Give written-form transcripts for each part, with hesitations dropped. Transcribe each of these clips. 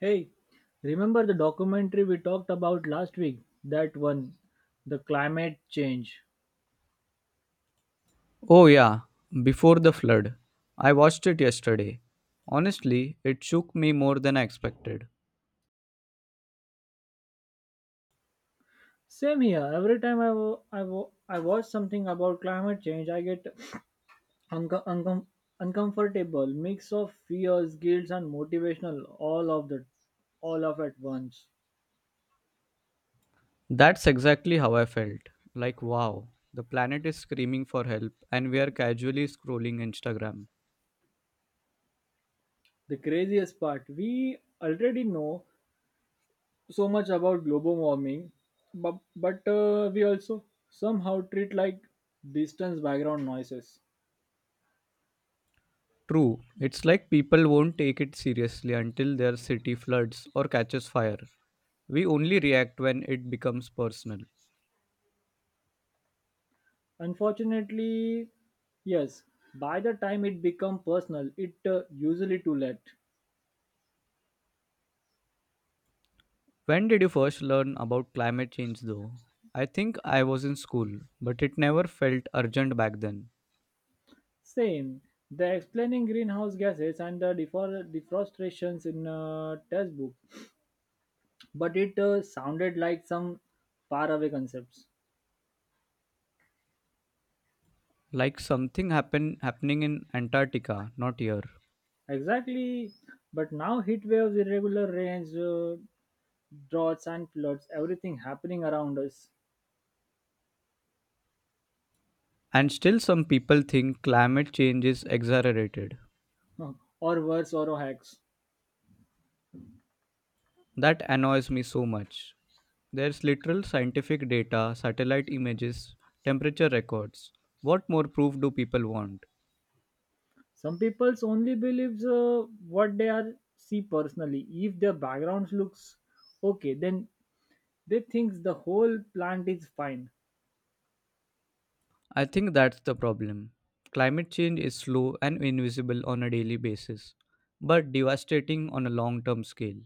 Hey, remember the documentary we talked about last week? That one, the climate change. Oh, yeah, Before the Flood. I watched it yesterday. Honestly, it shook me more than I expected. Same here. Every time I watch something about climate change, I get unco- uncom- uncomfortable mix of fears, guilt, and motivational all of the all of at once. That's exactly how I felt. Like, wow, the planet is screaming for help, and we are casually scrolling Instagram. The craziest part, we already know so much about global warming, but we also somehow treat like distance background noises. True, it's like people won't take it seriously until their city floods or catches fire. We only react when it becomes personal. Unfortunately, yes, by the time it become personal, it usually too late. When did you first learn about climate change, though? I think I was in school, but it never felt urgent back then. Same, they explaining greenhouse gases and the deforestations in a textbook, but it sounded like some faraway concepts. Like something happening in Antarctica, not here. Exactly, but now heat waves, irregular rains, droughts and floods, everything happening around us, And still some people think climate change is exaggerated. or worse, or hacks. That annoys me so much. There's literal scientific data, satellite images, temperature records. What more proof do people want? Some people's only believes what they are see personally. If their backgrounds looks okay, then they think the whole plant is fine. I think that's the problem. Climate change is slow and invisible on a daily basis, but devastating on a long term scale.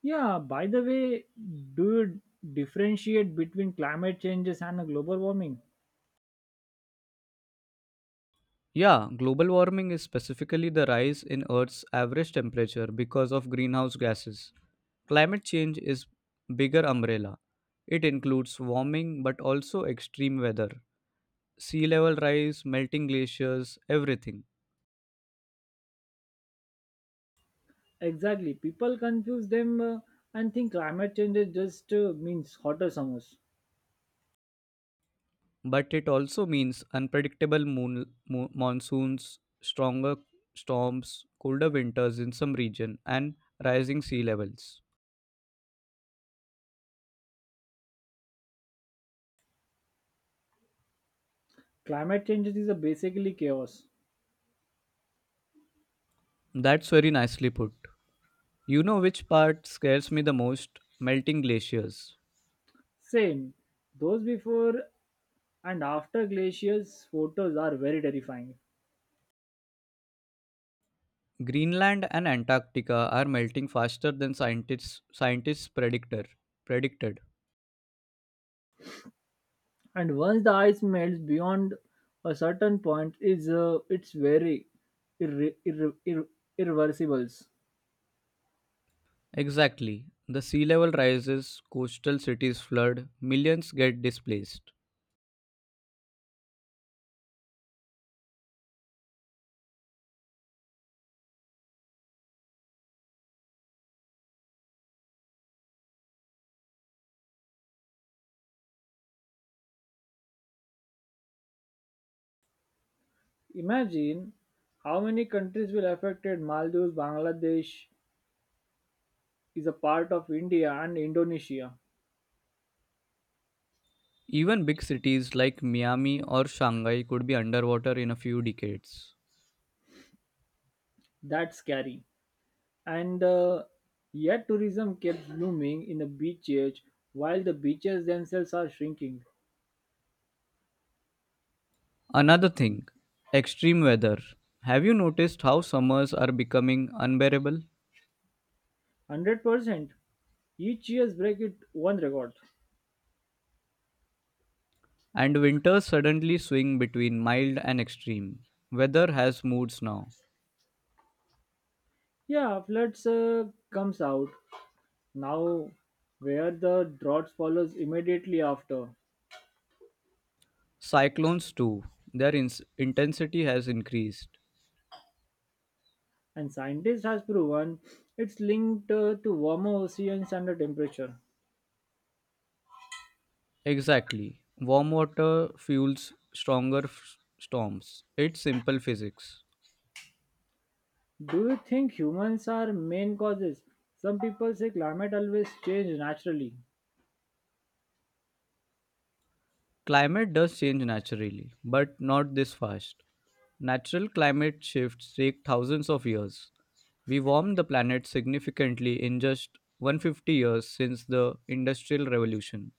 Yeah. By the way, do you differentiate between climate changes and global warming? Yeah, global warming is specifically the rise in Earth's average temperature because of greenhouse gases. Climate change is bigger umbrella. It includes warming but also extreme weather, sea level rise, melting glaciers, everything. Exactly. People confuse them and think climate changes just means hotter summers. But it also means unpredictable monsoons, stronger storms, colder winters in some region and rising sea levels. Climate changes is a basically chaos. That's very nicely put. You know which part scares me the most? Melting glaciers. Same. Those before and after glaciers photos are very terrifying. Greenland and Antarctica are melting faster than scientists predictor predicted. And once the ice melts beyond a certain point is it's very irre- irre- irre- irreversible. Exactly. The sea level rises, coastal cities flood, millions get displaced. Imagine how many countries will affected Maldives, Bangladesh is a part of India and Indonesia. Even big cities like Miami or Shanghai could be underwater in a few decades. That's scary and yet tourism kept blooming in the beaches while the beaches themselves are shrinking. Another thing, extreme weather. Have you noticed how summers are becoming unbearable? 100% each year break it one record. And winters suddenly swing between mild and extreme. Weather has moods now. Yeah, floods comes out now where the drought follows immediately after. Cyclones, too, intensity has increased. And scientists has proven it's linked to warmer oceans and the temperature. Exactly. Warm water fuels storms. It's simple physics. Do you think humans are main causes? Some people say climate always change naturally. Climate does change naturally, but not this fast. Natural climate shifts take thousands of years. We warmed the planet significantly in just 150 years since the Industrial Revolution.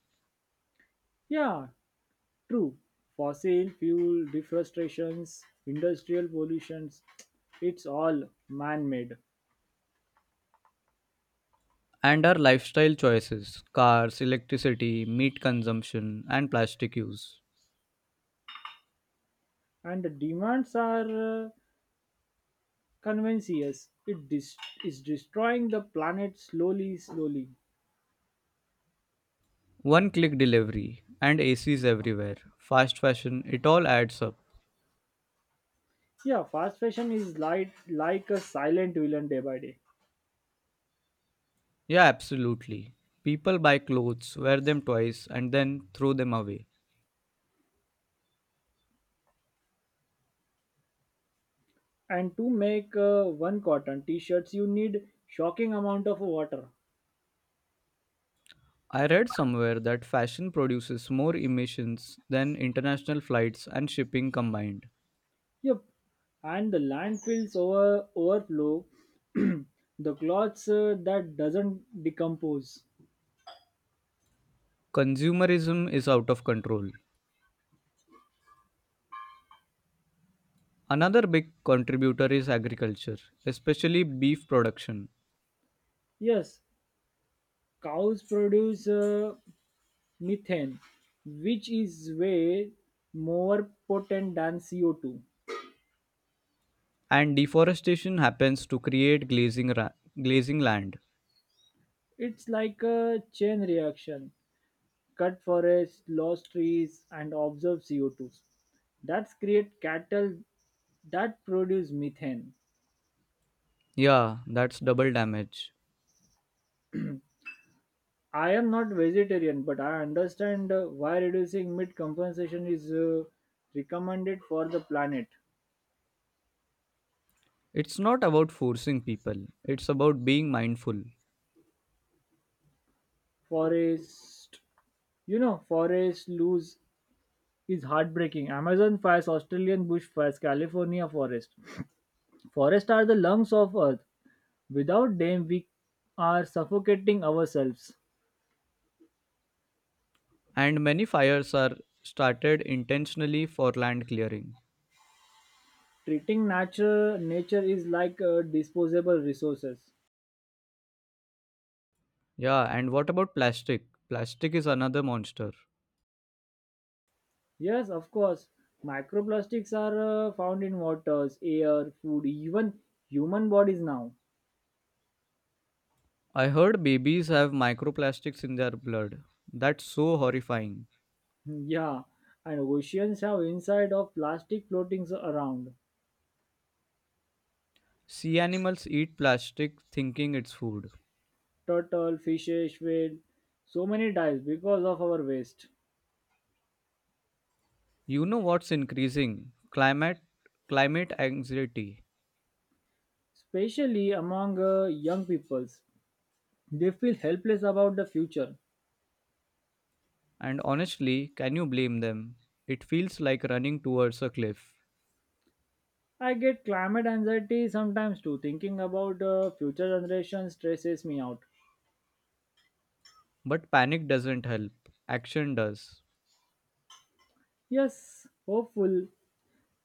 Yeah, true. Fossil fuel deforestations, industrial pollutions, it's all man-made. And our lifestyle choices cars, electricity, meat consumption, and plastic use. And the demands are convincious it is destroying the planet slowly. One click delivery and ACs everywhere, fast fashion, it all adds up. Yeah, fast fashion is like a silent villain day by day. Yeah, absolutely. People buy clothes, wear them twice, and then throw them away. And to make one cotton t-shirts, you need shocking amount of water. I read somewhere that fashion produces more emissions than international flights and shipping combined. Yep, and the landfills overflow. The cloths that doesn't decompose. Consumerism is out of control. Another big contributor is agriculture, especially beef production. Yes, cows produce methane, which is way more potent than CO2. And deforestation happens to create glazing land. It's like a chain reaction. Cut forests, lost trees, and observe CO2. That's create cattle that produce methane. Yeah, that's double damage. I am not vegetarian, but I understand why reducing meat compensation is recommended for the planet. It's not about forcing people, it's about being mindful. Forest, forest lose is heartbreaking. Amazon fires, Australian bush fires, California forest. Forests are the lungs of earth. Without them, we are suffocating ourselves. And many fires are started intentionally for land clearing. Treating nature is like disposable resources. Yeah, and what about plastic? Plastic is another monster. Yes, of course. Microplastics are found in waters air food even human bodies now. I heard babies have microplastics in their blood. That's so horrifying. Yeah, and oceans have inside of plastic floatings around. Sea animals eat plastic thinking it's food. Turtle fishes, whale, so many dives because of our waste. You know what's increasing? climate Climate anxiety. Especially among young peoples, they feel helpless about the future. And honestly, can you blame them? It feels like running towards a cliff. I get climate anxiety sometimes too. Thinking about future generations stresses me out. But panic doesn't help, action does. Yes, hopeful.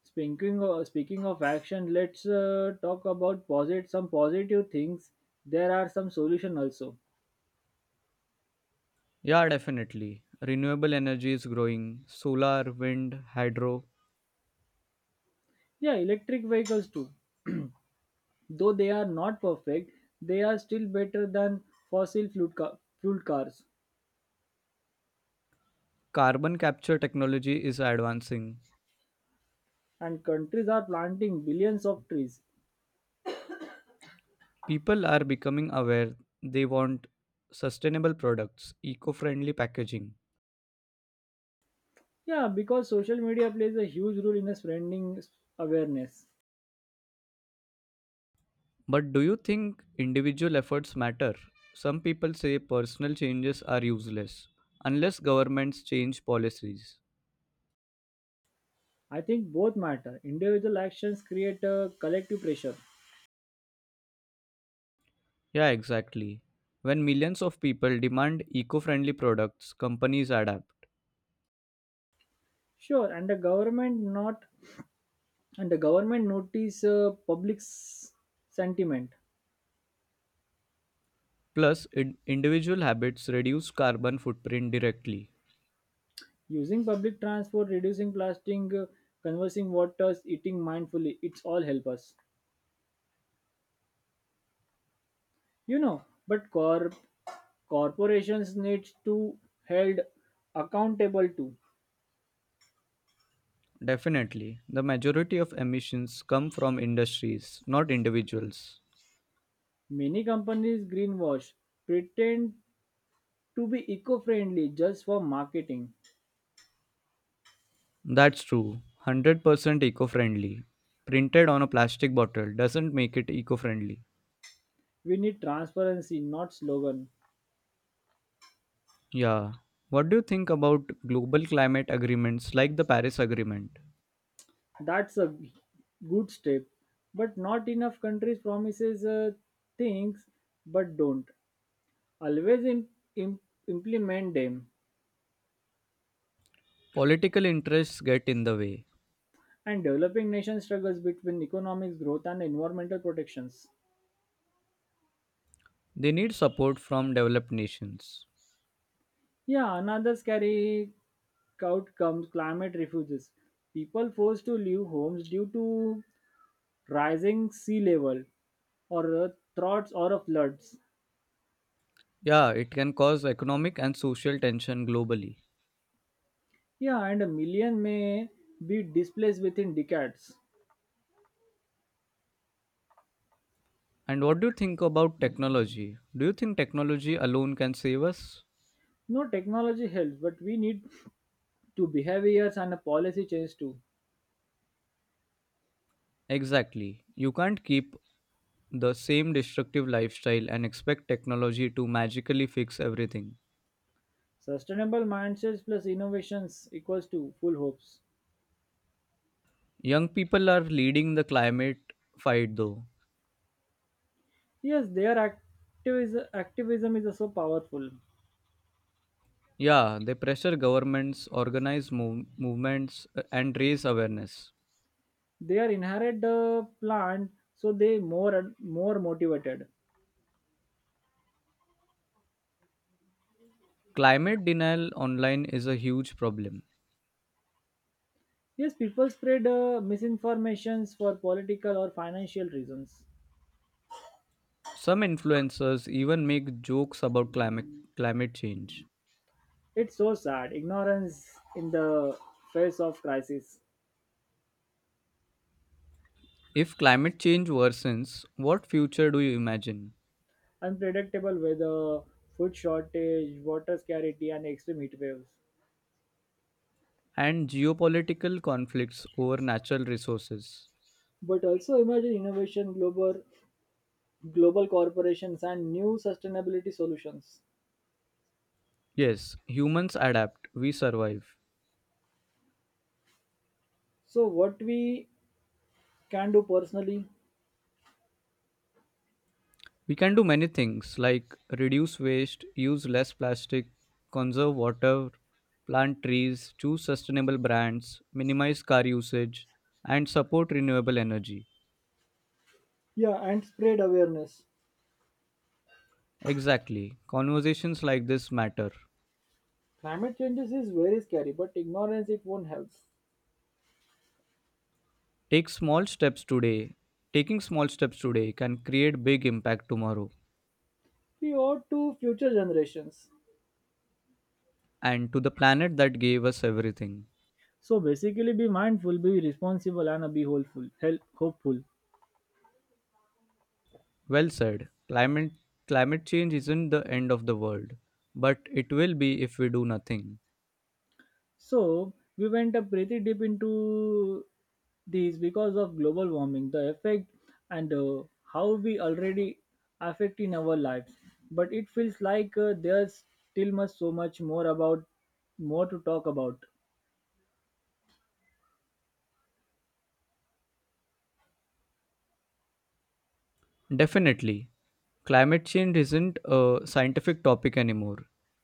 Speaking of action, let's talk about some positive things. There are some solutions also. Yeah, definitely. Renewable energy is growing solar, wind, hydro. Yeah, electric vehicles too. Though they are not perfect, they are still better than fossil fuel fueled cars. Carbon capture technology is advancing. And countries are planting billions of trees. People are becoming aware, they want sustainable products, eco friendly packaging. Yeah, because social media plays a huge role in spreading awareness. But do you think individual efforts matter? Some people say personal changes are useless unless governments change policies. I think both matter. Individual actions create a collective pressure. Yeah, exactly. When millions of people demand eco friendly products, companies adapt. Sure, and the government not and the government notice public sentiment. Plus, individual habits reduce carbon footprint directly. Using public transport, reducing plastic, conversing waters, eating mindfully, it's all help us. You know, but corporations need to held accountable too. Definitely, the majority of emissions come from industries, not individuals. Many companies greenwash, pretend to be eco-friendly just for marketing. That's true. 100% eco friendly. Printed on a plastic bottle doesn't make it eco friendly. We need transparency, not slogan. Yeah. What do you think about global climate agreements like the Paris Agreement? That's a good step but not enough countries promises things but don't always im- implement them. Political interests get in the way. And developing nation struggles between economic growth and environmental protections. They need support from developed nations. Yeah, another scary out comes climate refuges, people forced to leave homes due to rising sea level, or droughts or floods. Yeah, it can cause economic and social tension globally. Yeah, and a million may be displaced within decades. And what do you think about technology? Do you think technology alone can save us? No, technology helps, but we need to behaviors and a policy change too. Exactly. You can't keep the same destructive lifestyle and expect technology to magically fix everything. Sustainable mindsets plus innovations equals to full hopes. Young people are leading the climate fight though. Yes, their activism is so powerful. Yeah, they pressure governments, organize movements, and raise awareness. They are inherit the plant, so they more and more motivated. Climate denial online is a huge problem. Yes, people spread misinformations for political or financial reasons. Some influencers even make jokes about climate change. It's so sad. Ignorance in the face of crisis. If climate change worsens, what future do you imagine? Unpredictable weather, food shortage, water scarcity, and extreme heat waves. And geopolitical conflicts over natural resources. But also imagine innovation, global corporations, and new sustainability solutions. Yes, humans adapt, we survive. So, what we can do personally, We can do many things like reduce waste, use less plastic, conserve water, plant trees, choose sustainable brands, minimize car usage, and support renewable energy. yeah, and spread awareness. Exactly, conversations like this matter. Climate changes is very scary, but ignorance it won't help. Take small steps today. Taking small steps today can create big impact tomorrow. We owe to future generations. And to the planet that gave us everything. So basically, be mindful, be responsible, and be hopeful. Help, hopeful. Well said. Climate change isn't the end of the world, but it will be if we do nothing. So we went up pretty deep into these because of global warming, the effect, and how we already affect in our lives. But it feels like there's still much so much more to talk about. Definitely. Climate change isn't a scientific topic anymore.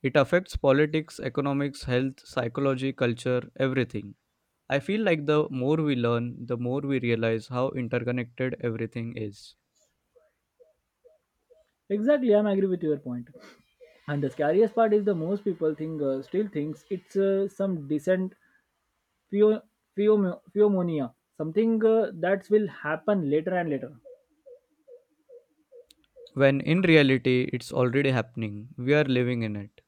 It affects politics, economics, health, psychology, culture, everything. I feel like the more we learn, the more we realize how interconnected everything is. Exactly, I'm agree with your point. And the scariest part is the most people think still thinks it's some decent pheo- pheomonia, something that will happen later and later. When in reality it's already happening. We are living in it.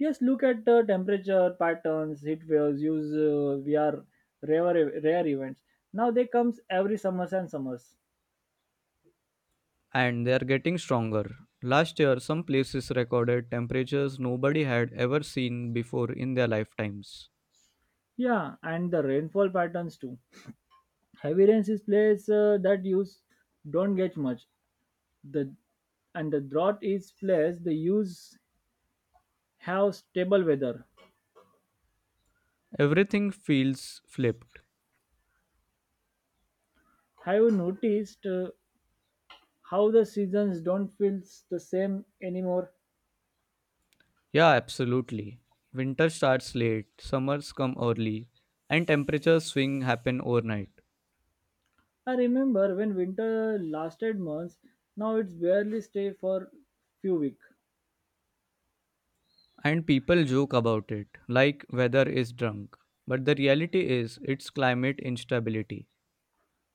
Yes, look at the temperature patterns, heat waves, use we are rare events. Now they comes every summers and summers. And they are getting stronger. Last year, some places recorded temperatures nobody had ever seen before in their lifetimes. Yeah, and the rainfall patterns too. Heavy rains is place that use don't get much. The and the drought is place the use have stable weather. Everything feels flipped. Have you noticed how the seasons don't feel the same anymore? Yeah, absolutely. Winter starts late, summers come early, and temperature swing happen overnight. I remember when winter lasted months. Now it's barely stay for few weeks. And people joke about it, like weather is drunk. But the reality is, it's climate instability.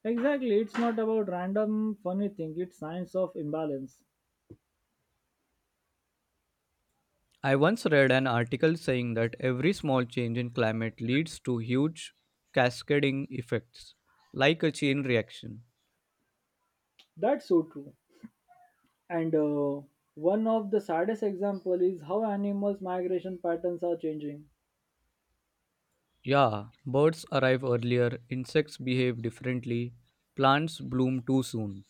Exactly, it's not about random funny thing. It's signs of imbalance. I once read an article saying that every small change in climate leads to huge cascading effects, like a chain reaction. That's so true. And one of the saddest example is how animals' migration patterns are changing. Yeah, birds arrive earlier, insects behave differently, plants bloom too soon.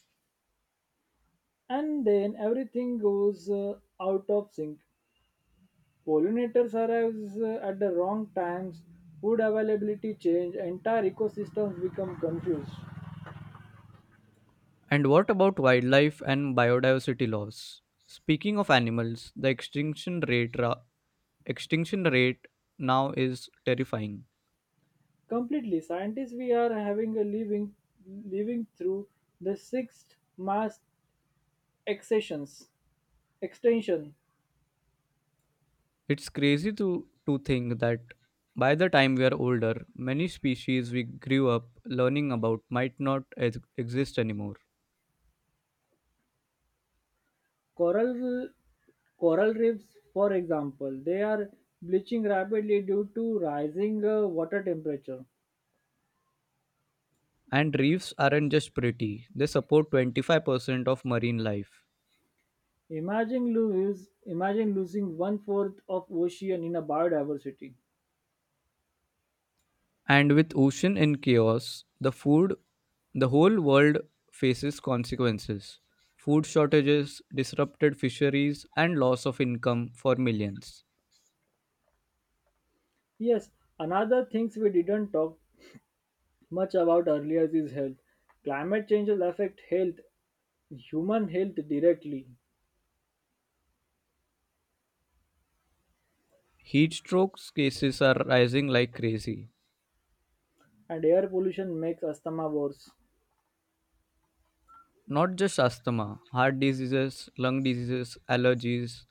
And then everything goes out of sync. Pollinators arrives at the wrong times. Food availability change. Entire ecosystems become confused. And what about wildlife and biodiversity loss? Speaking of animals, the extinction rate now is terrifying. Completely, scientists we are having a living through the sixth mass accessions extension. It's crazy to think that by the time we are older, many species we grew up learning about might not ex- exist anymore. Coral coral reefs, for example, they are bleaching rapidly due to rising water temperature. And reefs aren't just pretty, they support 25% of marine life. Imagine losing one fourth of ocean in a biodiversity. And with ocean in chaos, the whole world faces consequences. Food shortages, disrupted fisheries, and loss of income for millions. Yes, another things we didn't talk much about earlier is health. Climate change will affect health, human health directly. Heat strokes cases are rising like crazy. And air pollution makes asthma worse. Not just asthma, heart diseases, lung diseases, allergies.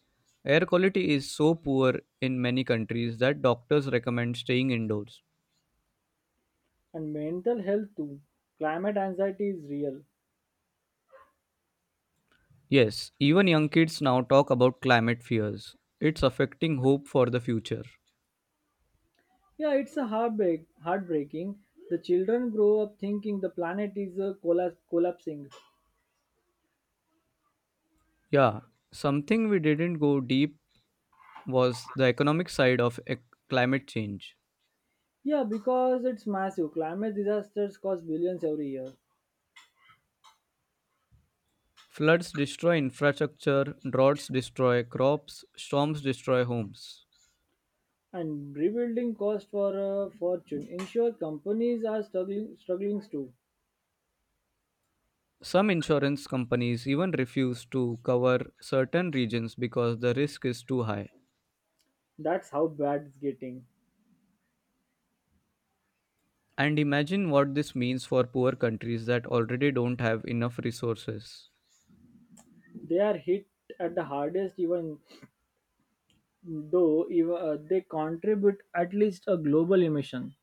Air quality is so poor in many countries that doctors recommend staying indoors. And mental health too. Climate anxiety is real. Yes, even young kids now talk about climate fears. It's affecting hope for the future. Yeah, it's a heartbreaking. The children grow up thinking the planet is collapsing. Yeah, something we didn't go deep was the economic side of climate change. Yeah, because it's massive. Climate disasters cost billions every year. Floods destroy infrastructure, droughts destroy crops, storms destroy homes. And rebuilding costs for a fortune. Ensure companies are struggling too. Some insurance companies even refuse to cover certain regions because the risk is too high. That's how bad it's getting. And imagine what this means for poor countries that already don't have enough resources. They are hit at the hardest even though they contribute at least a global emission.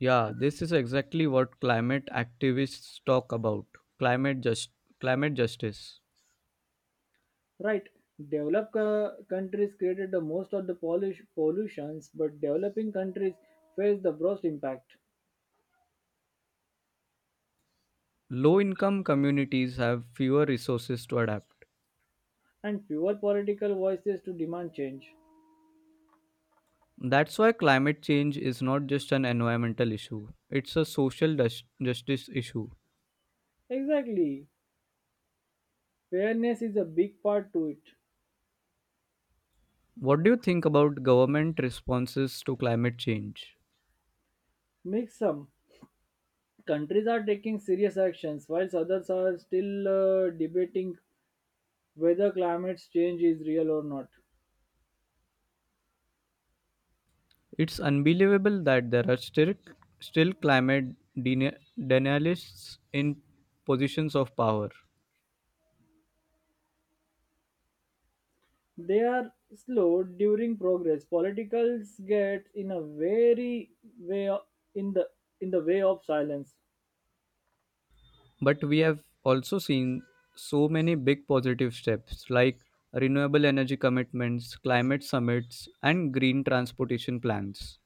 Yeah, this is exactly what climate activists talk about. Climate just Climate justice. Right, developed countries created the most of the polish pollutions but developing countries face the worst impact. Low income communities have fewer resources to adapt. And fewer political voices to demand change. That's why climate change is not just an environmental issue. It's a social justice issue. Exactly, fairness is a big part to it. What do you think about government responses to climate change? Mix, some countries are taking serious actions whilst others are still debating whether climate change is real or not. It's unbelievable that there are still climate denialists in positions of power. They are slowed during progress politicals get in a very way o- in the in the way of silence. But we have also seen so many big positive steps like renewable energy commitments, climate summits, and green transportation plans.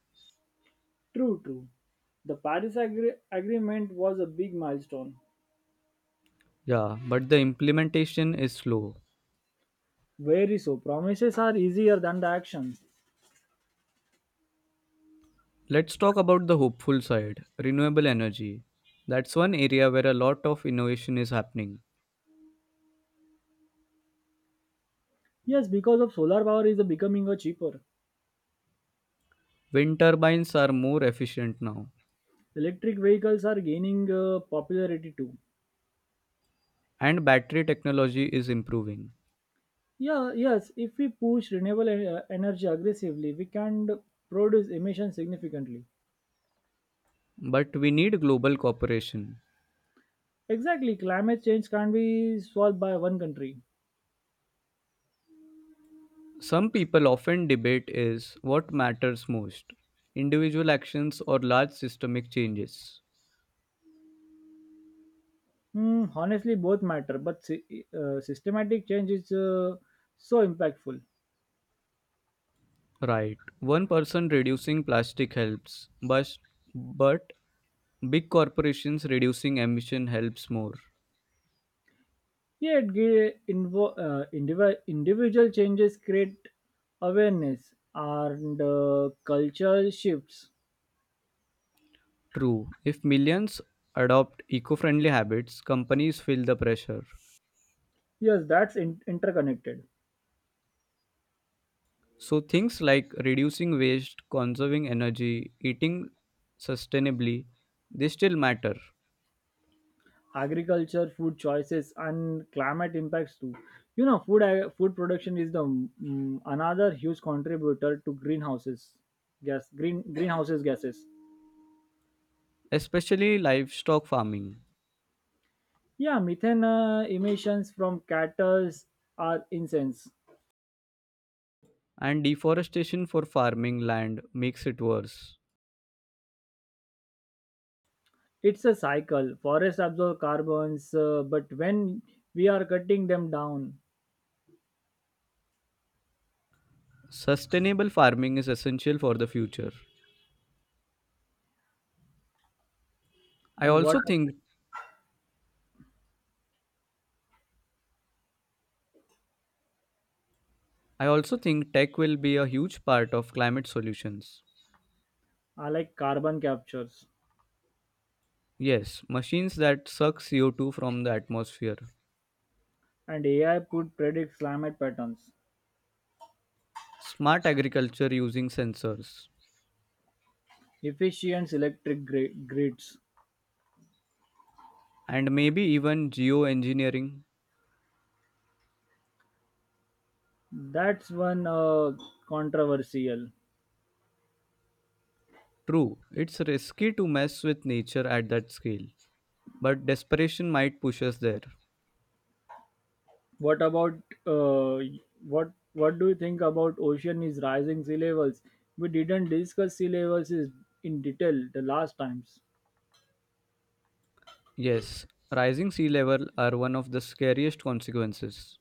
True, true. The Paris agreement was a big milestone. Yeah, but the implementation is slow. Very, so promises are easier than the action. Let's talk about the hopeful side renewable energy. That's one area where a lot of innovation is happening. Yes, because of solar power is becoming a cheaper. Wind turbines are more efficient now, Electric vehicles are gaining popularity too. and battery technology is improving. Yeah, yes, if we push renewable energy aggressively we can produce emissions significantly. But we need global cooperation. Exactly, climate change can't be solved by one country. Some people often debate is what matters most individual actions or large systemic changes. Hmm, honestly, both matter, but systematic change is so impactful. Right, one person reducing plastic helps, but big corporations reducing emission helps more. Yet, individual changes create awareness and cultural shifts. True, if millions adopt eco friendly habits, companies feel the pressure. Yes, that's interconnected. So, things like reducing waste, conserving energy, eating sustainably, they still matter, Agriculture, food choices, and climate impacts too. You know, food production is another huge contributor to greenhouses gases. especially livestock farming. Yeah, methane emissions from cattle are incense. And deforestation for farming land makes it worse. It's a cycle. Forests absorb carbons, but when we are cutting them down, Sustainable farming is essential for the future. I and what also think I also think tech will be a huge part of climate solutions. are like carbon captures Yes, machines that suck CO2 from the atmosphere, and AI could predict climate patterns, smart agriculture using sensors, efficient electric grids. and maybe even geoengineering. That's one controversial. True, it's risky to mess with nature at that scale, but desperation might push us there. What about uh, what do you think about ocean is rising sea levels? We didn't discuss sea levels is in detail the last times. Yes, rising sea level are one of the scariest consequences.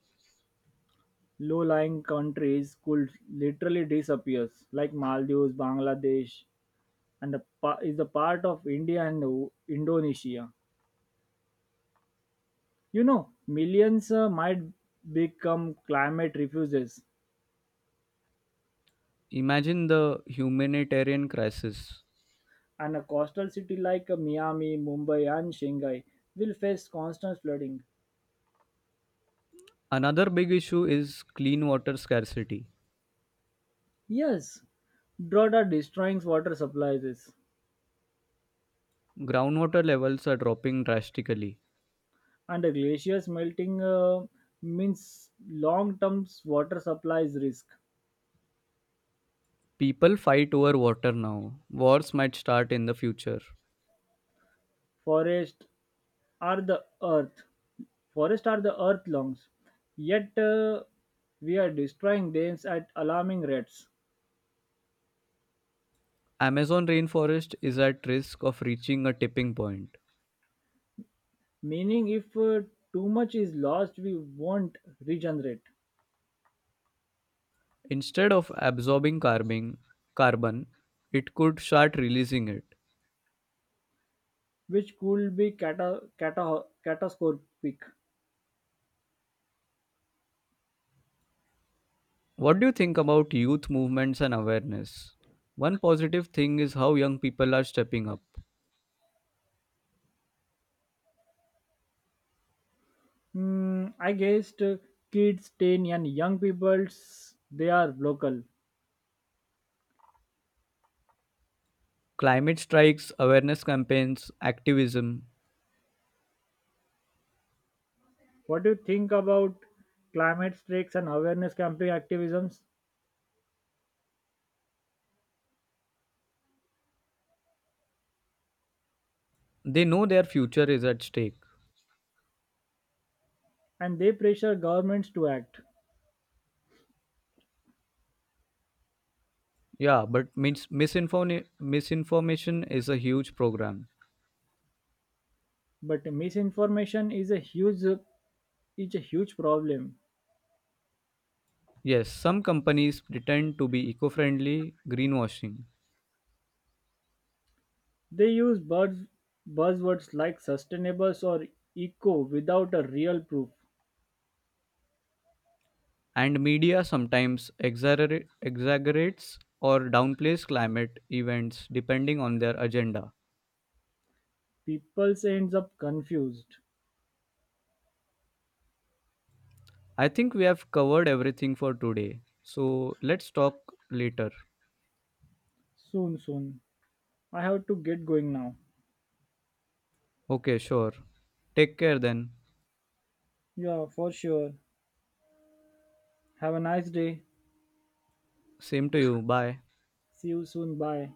Low-lying countries could literally disappear, like Maldives, Bangladesh, and the is a part of India and Indonesia. You know, millions might become climate refugees. Imagine the humanitarian crisis. And a coastal city like Miami, Mumbai, and Shanghai will face constant flooding. Another big issue is clean water scarcity. Yes, drought are destroying water supplies, Groundwater levels are dropping drastically. and the glaciers melting means long-term water supplies risk. People fight over water now. Wars might start in the future. Forests are the earth. Forests are the earth lungs. Yet we are destroying them at alarming rates. Amazon rainforest is at risk of reaching a tipping point. Meaning, if too much is lost, we won't regenerate. Instead of absorbing carbon, it could start releasing it. Which could be catastrophic. What do you think about youth movements and awareness? One positive thing is how young people are stepping up. Hmm, I guessed kids, teen, and young people, they are local. Climate strikes, awareness campaigns, activism, What do you think about climate strikes and awareness campaign activisms? they know their future is at stake. And they pressure governments to act. Yeah, but misinformation is a huge program. But misinformation is a huge problem. Yes, some companies pretend to be eco friendly, greenwashing. They use buzzwords like sustainables or eco without a real proof. And media sometimes exaggerates or downplays climate events depending on their agenda. People ends up confused. I think we have covered everything for today. So let's talk later. Soon, soon. I have to get going now. Okay, sure. Take care then. Yeah, for sure. Have a nice day. Same to you. Bye. See you soon. Bye.